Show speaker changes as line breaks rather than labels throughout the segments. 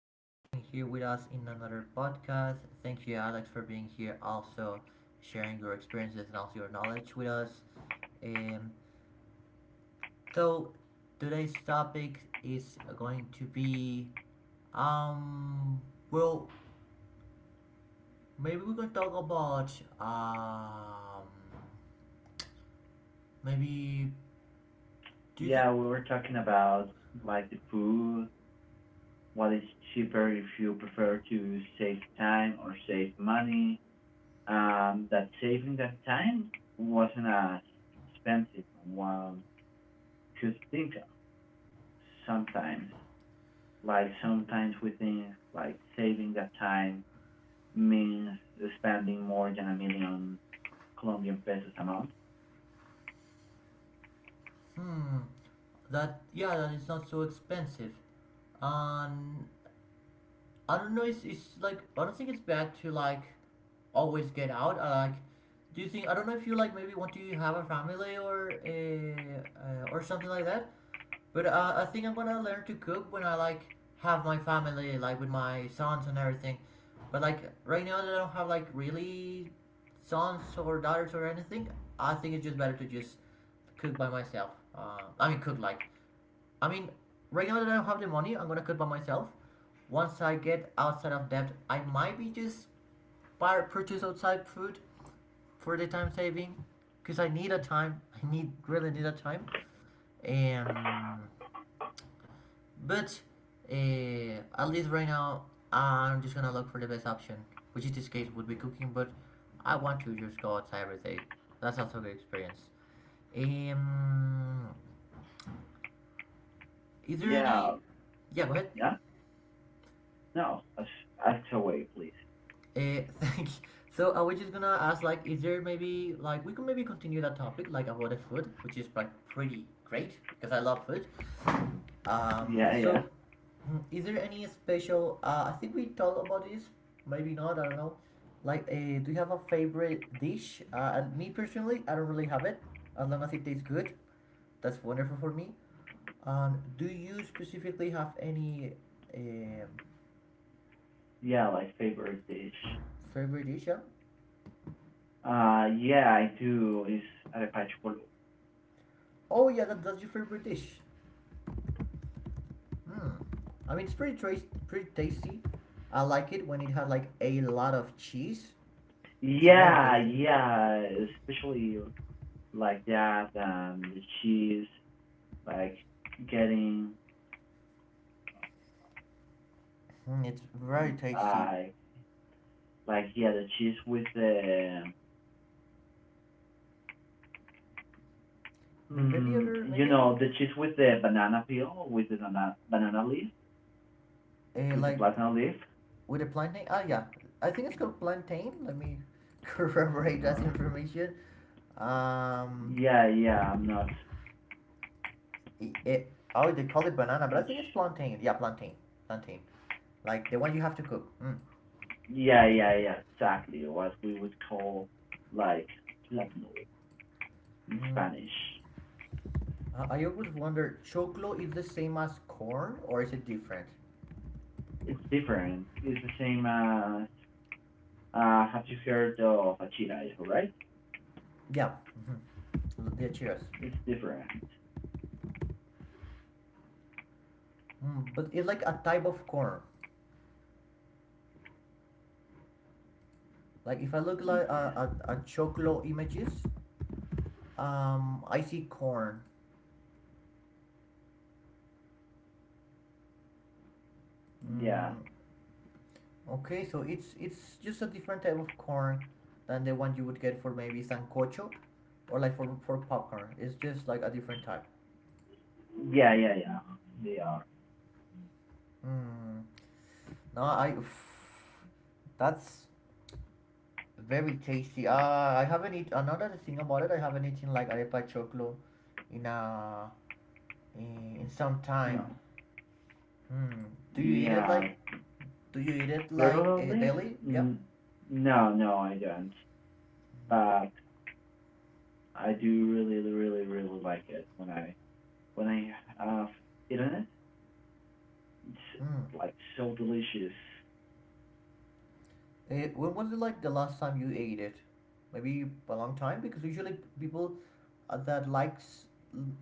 Thank you for being here with us in another podcast. Thank you, Alex, for being here, also sharing your experiences and also your knowledge with us. Um, so today's topic is going to be um well maybe we can talk about um maybe do you think.
Yeah, we were talking about like the food, what is cheaper if you prefer to save time or save money. That saving that time wasn't as expensive as one could think of sometimes. Like sometimes we think like saving that time means spending more than a million Colombian pesos a month.
Hmm, that, yeah, that it's not so expensive. um I don't know. It's like I don't think it's bad to like always get out. I like. Do you think, I don't know if you like maybe want to have a family or something like that? But I think I'm gonna learn to cook when I like have my family, like with my sons and everything. But like right now that I don't have like really sons or daughters or anything, I think it's just better to just cook by myself. I mean cook like I mean, right now that I don't have the money, I'm gonna cut by myself. Once I get outside of debt, I might be just buy purchase outside food for the time saving, cause I need a time. I need really need a time. Um, but uh, at least right now, I'm just gonna look for the best option, which in this case would be cooking. But I want to just go outside every day. That's also a good experience. Um, is there any?
Yeah,
Yeah, go ahead.
yeah. No, ask away, please.
Thank you. So I was just gonna ask, like, is there maybe like we could maybe continue that topic, like about the food, which is like pretty great because I love food. Um,
Yeah, yeah,
so mm, is there any special? I think we talked about this, maybe not. I don't know. Like, do you have a favorite dish? And me personally, I don't really have it. As long as it tastes good, that's wonderful for me. Do you specifically have any um,
yeah. Like favorite dish.
favorite dish? Yeah?
Yeah, I do. It's arepachkul.
Oh yeah, that's your favorite dish. Hmm. I mean, it's pretty tasty. I like it when it has like a lot of cheese. It's very
Yeah,
tasty.
yeah, especially like that. The cheese, like getting,
Mm, it's very tasty.
like, like the cheese with the,
But maybe
mm,
other,
you
maybe I don't.
know, the cheese with the banana peel, with the banana leaf, with the
Like
platinum leaf.
with a plantain. Ah, yeah. I think it's called plantain. Let me corroborate that
Uh,
information. Um,
yeah, yeah, I'm not,
oh, they call it banana, but I
not.
think it's
Sure.
plantain. Yeah, plantain. Like the one you have to cook. Mm.
Yeah, yeah, yeah, exactly. What we would call like platinum in
Mm.
Spanish.
I always wonder, choclo is the same as corn or is it different?
It's different. It's the same as have you heard of Akira, right?
Yeah, mhm, the cheers.
It's different.
Mm, but it's like a type of corn. Like if I look like
Yeah,
at choclo images, I see corn.
yeah,
Mm, okay, so it's just a different type of corn than the one you would get for maybe sancocho, or like for popcorn. It's just like a different type.
yeah, yeah, yeah. They are.
Mm, no, I. Pff, that's very tasty. I haven't eaten another thing about it. I haven't eaten like arepa choclo in a in some time.
No,
Hmm. Do you eat it like?
yeah,
Do you eat it like
regularly.
daily? Yep.
Mm, No, no, I don't. But I do really, really, really like it when I have eaten it. It's
Hmm.
like so delicious.
Eh, when was it like the last time you ate it? Maybe a long time because usually people that likes,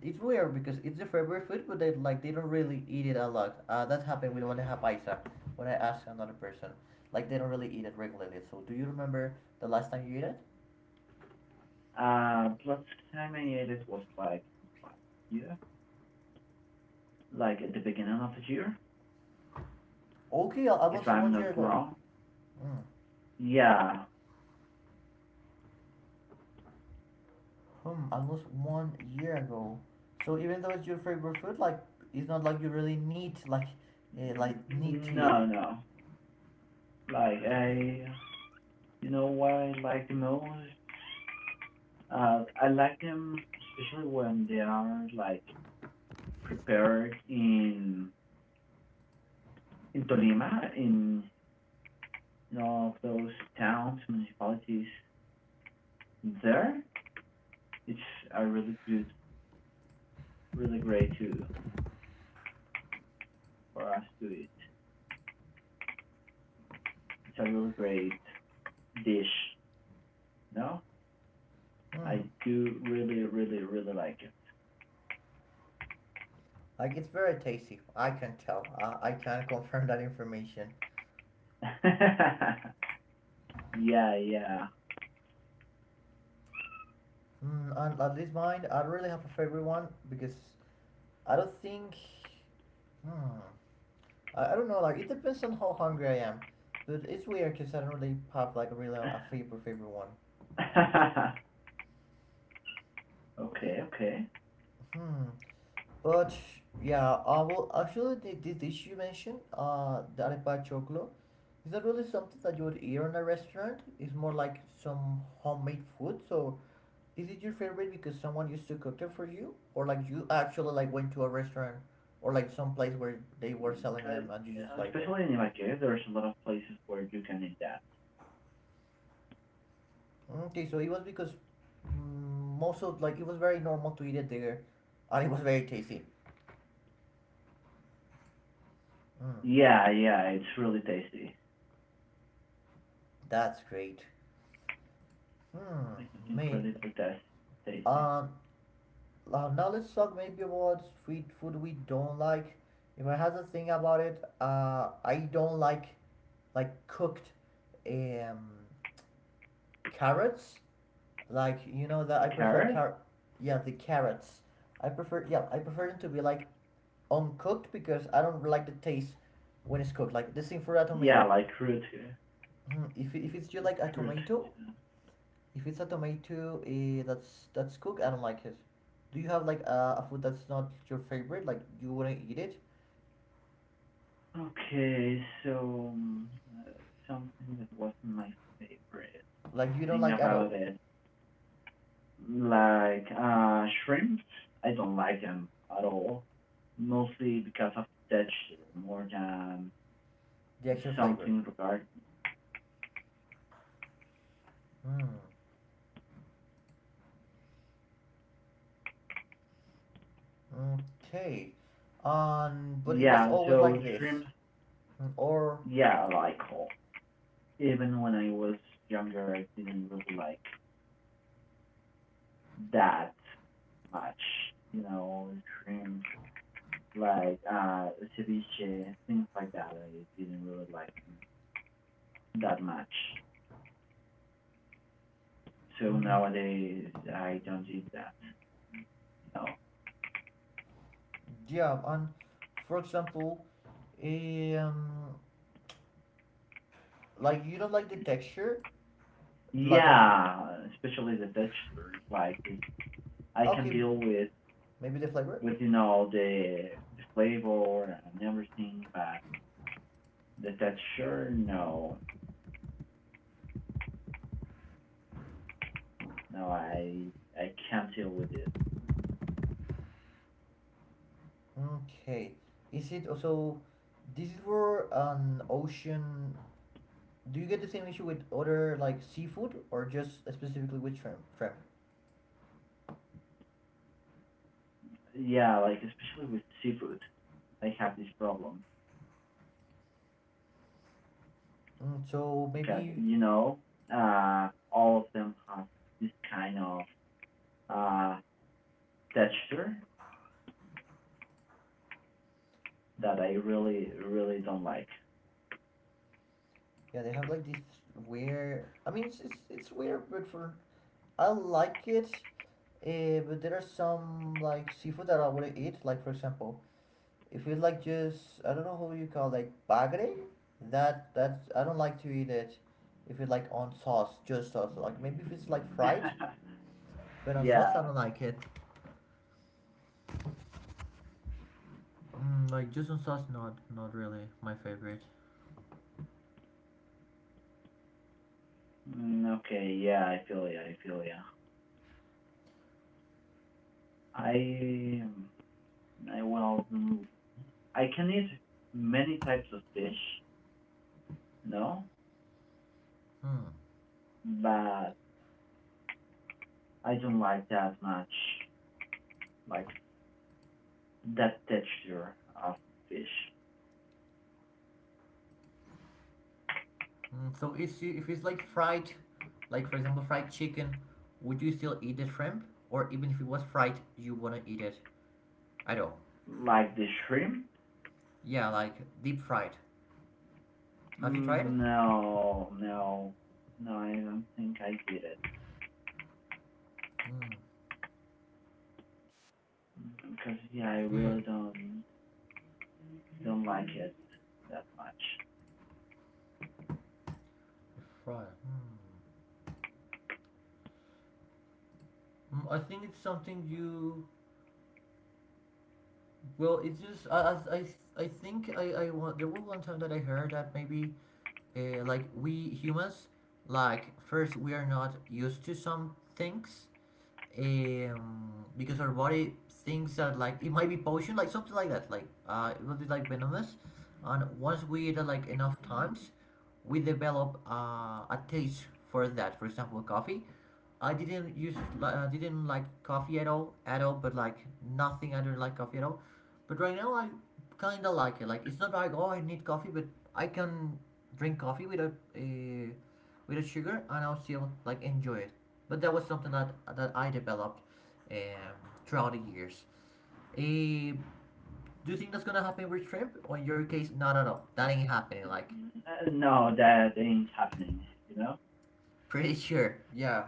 it's weird because it's their favorite food, but they like they don't really eat it a lot. That happened with when I have paisa. When I asked another person, like they don't really eat it regularly. So do you remember the last time you ate it?
Last time I ate it was what, yeah, like at the beginning of the year,
Okay,
if
almost
I'm
1 year
not
ago.
wrong.
Mm.
Yeah.
Hmm, almost 1 year ago. So even though it's your favorite food, like it's not like you really need like need to eat
No,
it.
no. Like you know what I like the most? I like them especially when they are like prepared in Tolima, in all of those towns, municipalities there. It's a really good, really great to for us to eat. It's a really great dish. No,
Hmm,
I do really, really, really like
like it's very tasty. I can tell. I can confirm that information.
it. Yeah, yeah.
Hmm, and at least mine, I don't really have a favorite one because I don't think. Hmm, I don't know. Like it depends on how hungry I am. But it's weird because I don't really have like really a favorite one.
Okay, okay.
Hmm. But yeah, well, actually, this dish you mentioned, the arepa choclo, is not really something that you would eat in a restaurant. It's more like some homemade food. So, is it your favorite because someone used to cook it for you, or like you actually like went to a restaurant, or like some place where they were
Mm,
selling them and you just liked it?
Especially in Nigeria, there's a lot of places where you can eat that.
Okay, so it was because mm, most of like it was very normal to eat it there, and it was very tasty. Mm,
Yeah, yeah, it's really tasty.
that's great. Hmm.
Like it's
Me.
incredibly tasty.
Uh, Now let's talk maybe about street food we don't like. If I had to think about it, I don't like cooked um, carrots. Like you know that I prefer
Carrot?
yeah, the carrots. I prefer yeah, I prefer them to be like uncooked because I don't like the taste when it's cooked. Like the same for a
Yeah,
tomato.
like root, root.
Mm, if it's just like a tomato. If it's a tomato, eh, that's cooked, I don't like it. Do you have like a food that's not your favorite? Like you wouldn't eat it?
Okay, so uh, something that wasn't my favorite
Like you don't
thing
like at
about
all
it. Like shrimp, I don't like them at all. Mostly because of texture more than
the actual flavor?
something regard.
Hmm. Okay. But it was
Yeah,
always
so
like this.
shrimp,
Mm. Or,
yeah, I like all. Even when I was younger, I didn't really like that much. You know, shrimp, like ceviche, things like that. I didn't really like that much. So
mm,
nowadays, I don't eat that. No.
yeah. And for example, um, like you don't like the texture. Like that.
Yeah, especially the textures. Like I can
Okay,
deal
maybe the flavor.
with you know the flavor and everything, but the texture, no, no, I can't deal with it.
Okay. Is it also this is for an ocean? Do you get the same issue with other like seafood or just specifically with shrimp? Shrimp.
Yeah, like especially with seafood, I have this problem
Mm, so
because
maybe
you know all of them have this kind of uh, texture that I really really don't like.
yeah, they have like this weird. I mean, it's weird, but for I like it. But there are some like seafood that I wouldn't eat. Like for example, if you like just I don't know how you call like bagre, that's I don't like to eat it. If you like on sauce, just sauce. Like maybe if it's like fried, but on sauce I
Yeah.
don't like it. Mm, like just on sauce, not really my favorite.
Okay, yeah, I feel ya, I feel ya. I, I well, mm, I can eat many types of fish, you know,
Mm.
but I don't like that much, like that texture of fish,
Mm, so if it's like fried, like for example fried chicken, would you still eat the shrimp? Or even if it was fried, you wanna eat it, I don't.
like the shrimp.
Yeah, like deep fried. Have you tried it?
No, no, no, I don't think I did it
Mm.
because yeah, I
Yeah, yeah.
really don't like it that much.
It's fried. Mm. Mm, I think it's something you. Well, it's just I think I want there was one time that I heard that maybe like we humans like first we are not used to some things because our body thinks that like it might be potion like something like that like it will be like venomous, and once we eat it like enough times we develop a taste for that, for example coffee. I didn't use, like, I didn't like coffee at all at all, but like nothing, I don't like coffee at all, but right now I kind of like it, like it's not like oh I need coffee, but I can drink coffee without without sugar and I'll still like enjoy it, but that was something that I developed um, throughout the years. uh, do you think that's gonna happen with shrimp or in your case no no no that ain't happening, like
No, that ain't happening, you know.
pretty sure, yeah,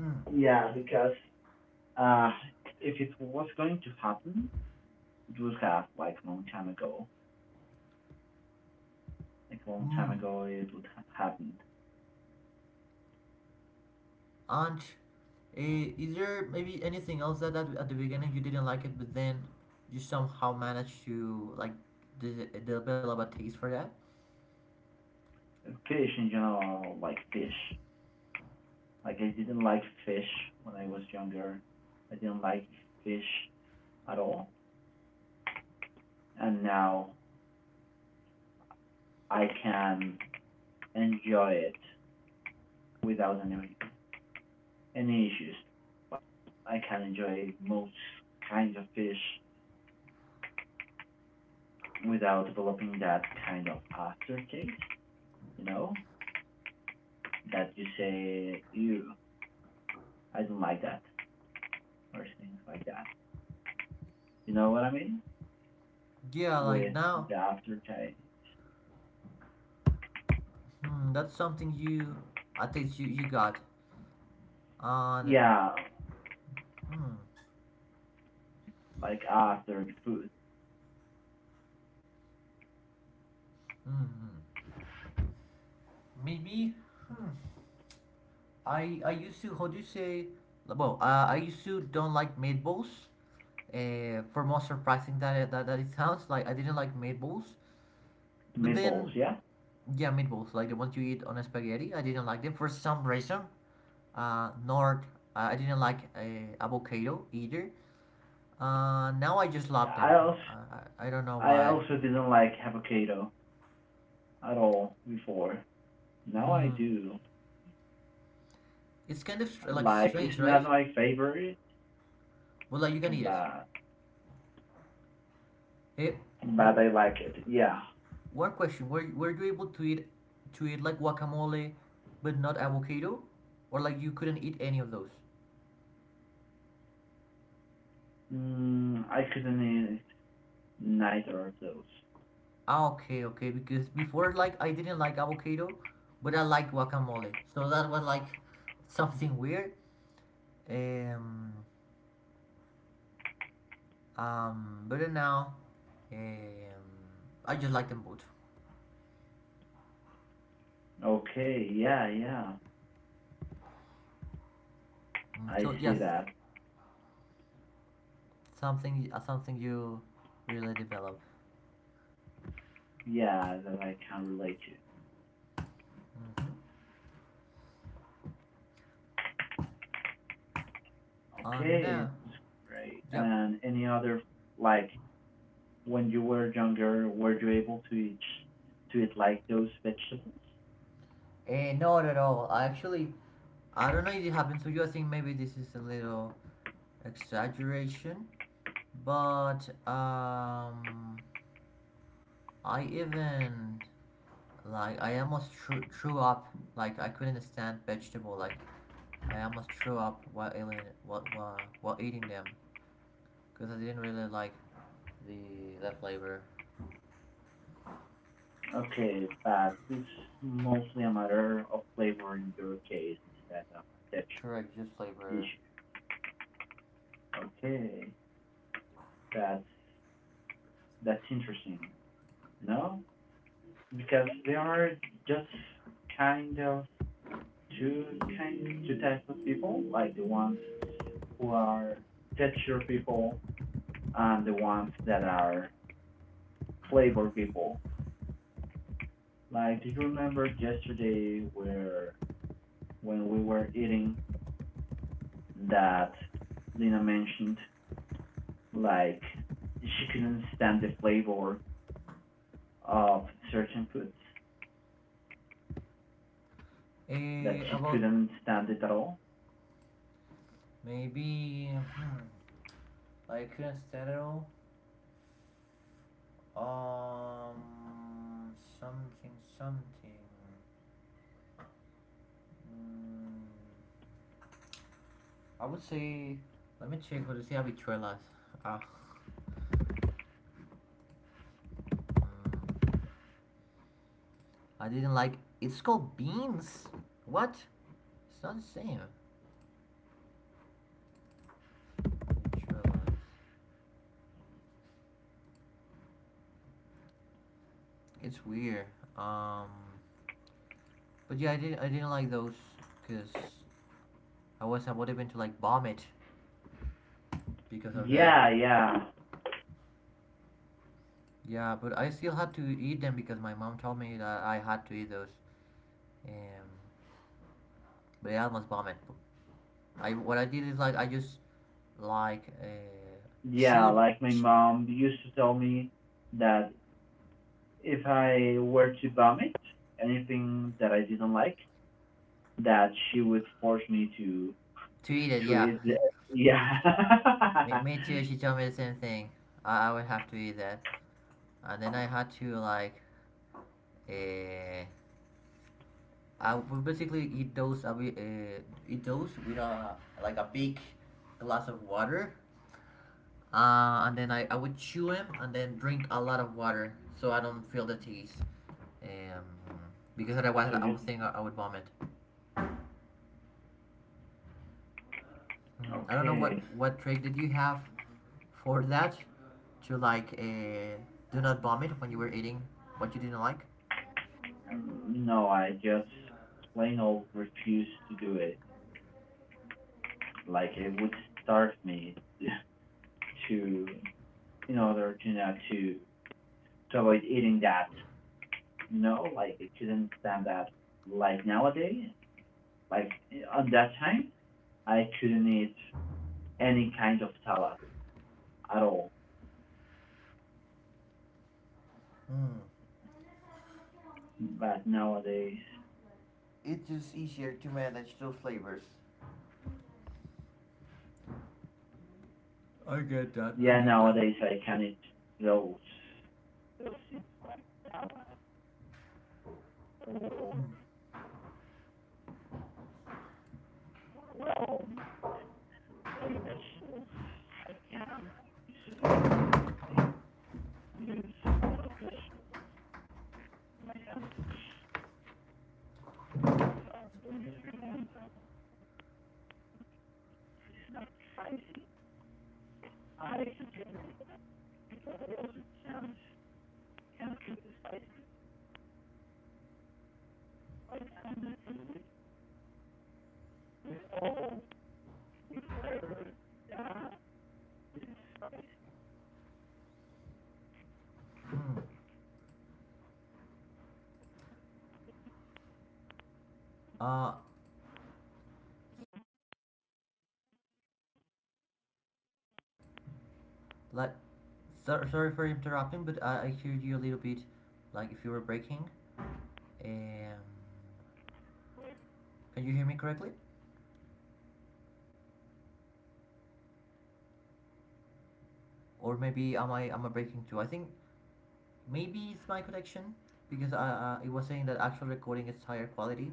mm.
Yeah, because Uh, if it was going to happen, it would have like a long time ago. Like a long time
Mm.
ago, it would have happened.
And is there maybe anything else that, at the beginning you didn't like it, but then you somehow managed to like develop a taste for that?
Fish in general, like fish. Like I didn't like fish when I was younger. I didn't like fish at all, and now I can enjoy it without any issues. Like I can enjoy most kinds of fish without developing that kind of aftertaste. You know that you say you I didn't like that or things like that. You know what I mean?
Yeah, like
With
now,
the aftertaste.
hmm, that's something you, a taste you, you got. And
Yeah,
hmm,
like after food,
maybe I used to, how do you say? Well, I used to don't like meatballs. For more surprising that, that it sounds like I didn't like meatballs, but
meatballs.
then
Yeah.
yeah, meatballs, like the ones you eat on spaghetti. I didn't like them for some reason. Nor I didn't like avocado either. Now I just love them.
I also
I don't know
I
why.
also didn't like avocado at all before. Now I
Hmm.
do.
It's kind of like
Like it's
strange,
not
right?
my favorite,
But like you can eat it.
but
Hey, w-
I like it. Yeah.
one question: were you able to eat like guacamole, but not avocado, or like you couldn't eat any of those?
I couldn't eat neither of those.
Ah, okay, okay. Because before, like, I didn't like avocado, but I like guacamole. So that was like something weird. Um, but now, um, I just like them both.
Okay. Yeah. Yeah.
Mm,
I
so
see
yes,
that.
something, something you really develop.
Yeah, that I can relate to.
Hmm. Oh no.
Okay, it's great.
Yep.
And any other like when you were younger, were you able to eat like those vegetables?
Eh, no, not at all. I actually, I don't know if it happened to you. I think maybe this is a little exaggeration, but I even, like I almost threw up. Like I couldn't stand vegetable. Like I almost threw up while eating while eating them because I didn't really like the that flavor.
Okay, but it's mostly a matter of flavor in your case instead of a texture
Correct, juice flavor.
issue. Okay, that's interesting. No, because there are just kind of two kind two types of people, like the ones who are texture people and the ones that are flavor people. Like, do you remember yesterday where when we were eating that Lina mentioned like she couldn't stand the flavor of certain foods that she
About
couldn't stand it at all?
maybe I couldn't stand it all. Um, something, something. Mm, I would say. Let me check. What is the arbitrary last? Ah. Uh, mm. I didn't like. It's called beans. What? It's not the same. It's weird. Um, but yeah, I didn't like those because I would to like vomit because of that.
Yeah, yeah,
Yeah, but I still had to eat them because my mom told me that I had to eat those. Um, but yeah, I almost vomit. I What I did is like I just like
yeah.
chewed
Like my
ch-
mom used to tell me that if I were to vomit anything that I didn't like, that she would force me to
to eat it.
Two
Yeah,
years, yeah.
me, me too. She told me the same thing. I would have to eat that. And then I had to like uh, I would basically eat those with a like a big glass of water. And then I would chew them and then drink a lot of water so I don't feel the taste. Um, because otherwise
Two
I
years,
would think I would vomit. I don't know what
okay.
what trick did you have for that to like do not vomit when you were eating what you didn't like.
No, I just plain old refuse to do it. Like it would starve me to, in order to not to avoid eating that. You know, like I couldn't stand that. Like nowadays, like on that time, I couldn't eat any kind of salad at all.
Hmm.
But nowadays,
It is easier to manage those flavors. I get that. I
yeah,
get that.
nowadays I can eat those.
Hmm. Uh, so, like, sorry for interrupting, but I heard you a little bit, like if you were breaking. Um, can you hear me correctly? Or maybe am I breaking too? I think maybe it's my connection because it was saying that actual recording is higher quality.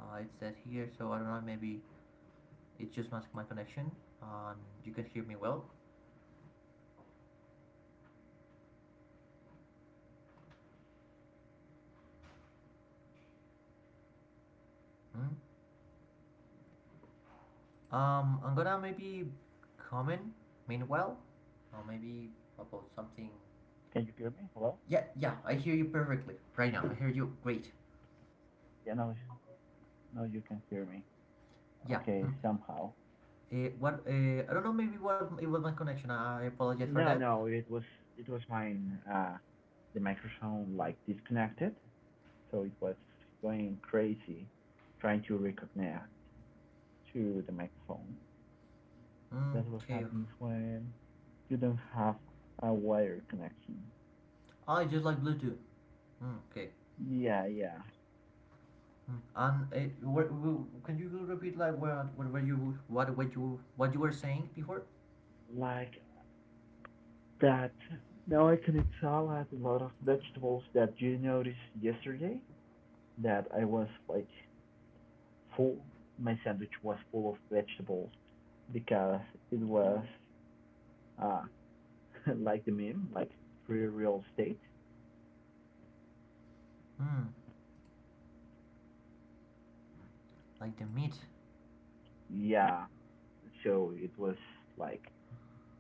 It said here, so I don't know. Maybe it's just my connection, and you can hear me well. Hmm? I'm gonna maybe comment meanwhile, or maybe about something.
Can you hear me? Hello?
Yeah, yeah, I hear you perfectly right now. I hear you great.
Yeah, no, no, you can hear me.
Yeah.
Okay,
Hmm.
somehow.
What? I don't know. Maybe what it was my connection. I apologize for
No,
that.
no, it was mine. The microphone like disconnected, so it was going crazy trying to reconnect to the microphone. That's what
Okay.
happens when you don't have a wire connection.
I just like Bluetooth. Mm, okay.
Yeah, yeah,
Mm. And can you repeat like what were you what you were saying before?
like that. Now I can tell I a lot of vegetables that you noticed yesterday that I was like full my sandwich was full of vegetables because it was uh, like the meme, like pre real estate.
Hmm. Like the meat.
Yeah, so it was like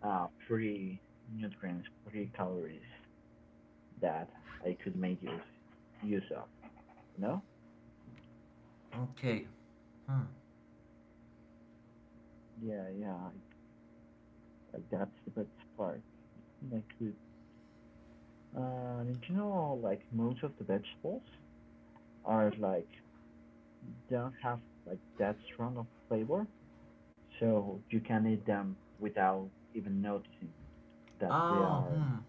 free nutrients, free calories that I could make use of. You know?
Okay. Hmm.
Yeah, yeah. Like that's the best part. I could. And you know, like most of the vegetables are like don't have like that strong of flavor, so you can eat them without even noticing that
Oh. Hmm.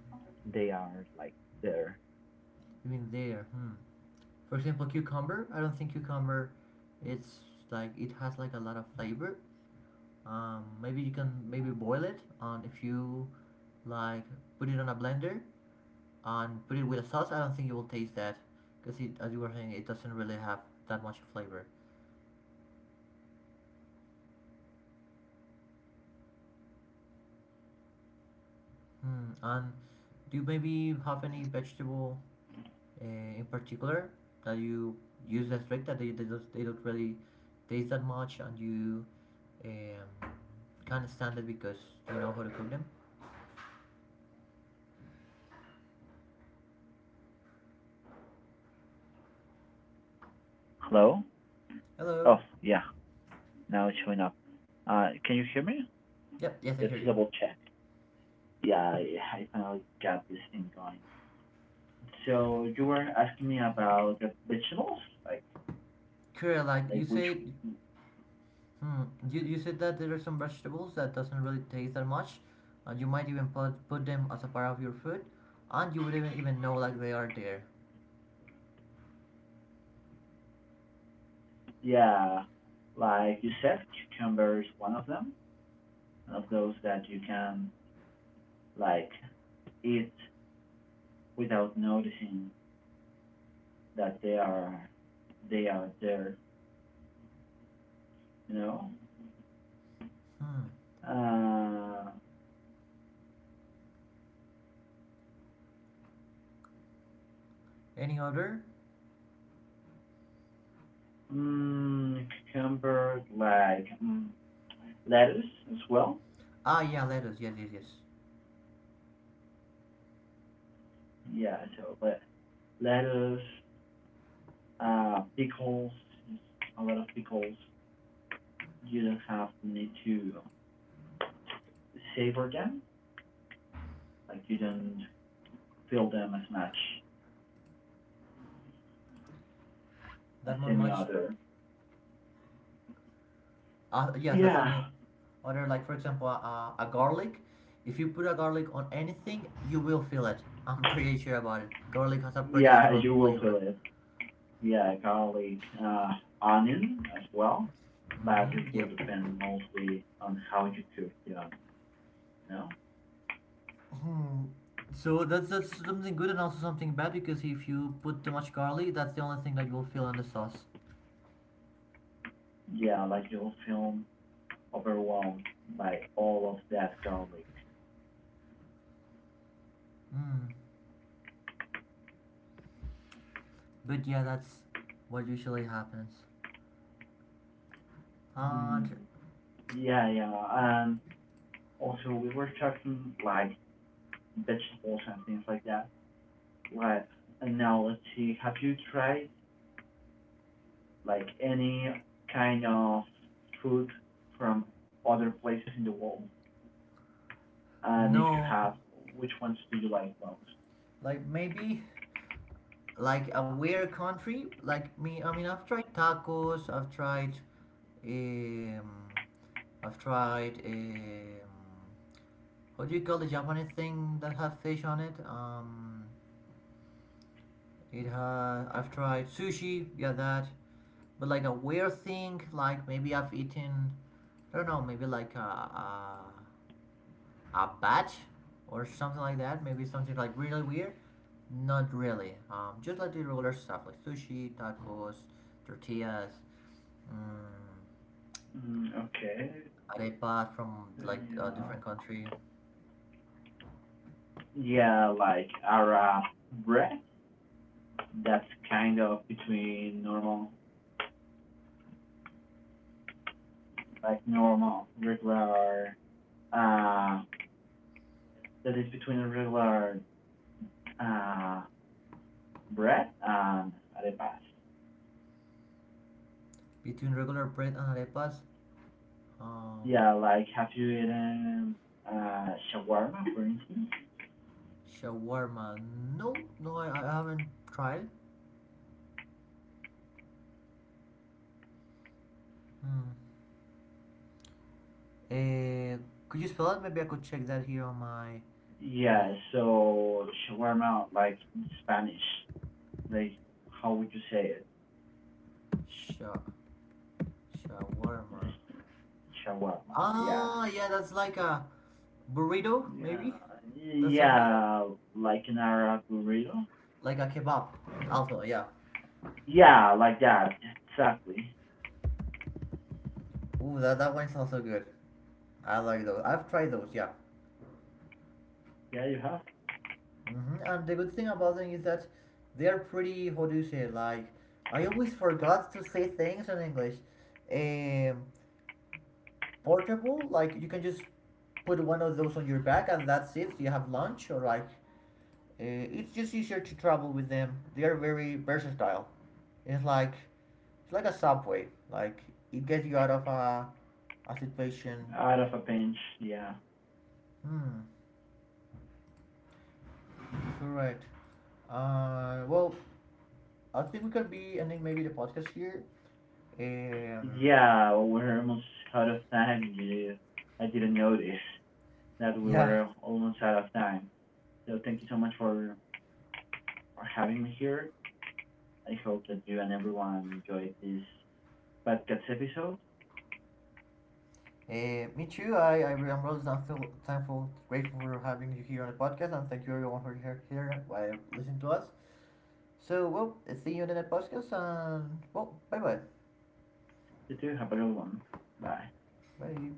they are like there.
Even there? Hmm. For example, cucumber. I don't think cucumber. It's like it has like a lot of flavor. Maybe you can maybe boil it, and if you like put it on a blender and put it with a sauce, I don't think you will taste that because, it, as you were saying, it doesn't really have that much flavor. Hmm. And do you maybe have any vegetable in particular that you use as drink that they don't really taste that much and you um, can't stand it because you know how to cook them.
Hello?
Hello?
Oh, yeah. Now it's showing up. Can you hear me?
Yep, yes, I
Just
hear
to
you.
double check. Yeah, I finally got this thing going. So you were asking me about the vegetables, like
Korea, like
like
you
which
said. Hmm. You said that there are some vegetables that doesn't really taste that much. You might even put them as a part of your food, and you wouldn't even know like they are there.
yeah, like you said, cucumber is one of them, one of those that you can like eat without noticing that they are there, you know.
Hmm.
Uh,
Any other?
cucumber, lettuce as well.
Ah, yeah, lettuce. Yes, yes, yes.
Yeah, so but lettuce, pickles, a lot of pickles. You don't have the need to savor them, like you don't feel them as much as
That one
any
much.
other.
Yes, as any
Yeah,
other, like for example, a garlic. If you put a garlic on anything, you will feel it. I'm pretty sure about it. Garlic has a pretty
yeah,
strong
you will feel
flavor.
it yeah, garlic, onion as well, but
Mm-hmm.
it will
Yep.
depend mostly on how you cook the onion. You know?
Hmm. So that's something good and also something bad, because if you put too much garlic, that's the only thing that you'll feel in the sauce.
Yeah, like you'll feel overwhelmed by all of that garlic.
Hmm. But yeah, that's what usually happens.
Mm,
And
yeah, yeah, and also we were talking like vegetables and things like that. Like, and now let's see, have you tried like any kind of food from other places in the world? And if you
no,
have, which ones do you like most?
like maybe like a weird country. Like me, I mean, I've tried tacos. Um, I've tried What do you call the Japanese thing that has fish on it? It has. I've tried sushi. Yeah, that. But like a weird thing, like maybe I've eaten, I don't know, maybe like a bat or something like that. Maybe something like really weird. Not really. Just like the regular stuff like sushi, tacos, tortillas, mm,
Mm, okay.
arepas from
Uh,
like a
Yeah.
different country.
Yeah, like our bread that's kind of between normal, like normal, regular, uh, that is between a regular uh, bread and arepas.
Between regular bread and arepas, um,
Yeah, like have you eaten shawarma, for instance?
shawarma. No, no, I haven't tried. Hmm. Eh, could you spell it? Maybe I could check that here on my. And
Yeah, so shawarma, like in Spanish, like how would you say it?
sha shawarma.
Shawarma. Yeah,
Ah, yeah, that's like a burrito,
yeah.
maybe. That sounds like a
Yeah, like an Arab burrito.
kebab. Also, yeah.
Yeah, like that. Exactly.
Ooh, that one sounds so good. I like those. I've tried those. Yeah.
Yeah, you have.
Hmm. And the good thing about them is that they are pretty. How do you say? Like, I always forgot to say things in English. Um, Portable. Like you can just put one of those on your back and that's it. You have lunch or like. Uh, it's just easier to travel with them. They are very versatile. It's like it's like a subway. Like it gets you out of a situation.
Out of a pinch. Yeah,
Hmm. All right. Well, I think we could be ending maybe the podcast here. Um.
yeah, we're almost out of time. You, I didn't notice that we
Yeah.
were almost out of time. So thank you so much for having me here. I hope that you and everyone enjoyed this podcast episode.
Me too. I'm really thankful, grateful for having you here on the podcast, and thank you everyone for here while listening to us. So, well, see you in the next podcast, and well, bye-bye.
You too. Have a good one. Bye.
Bye. Bye.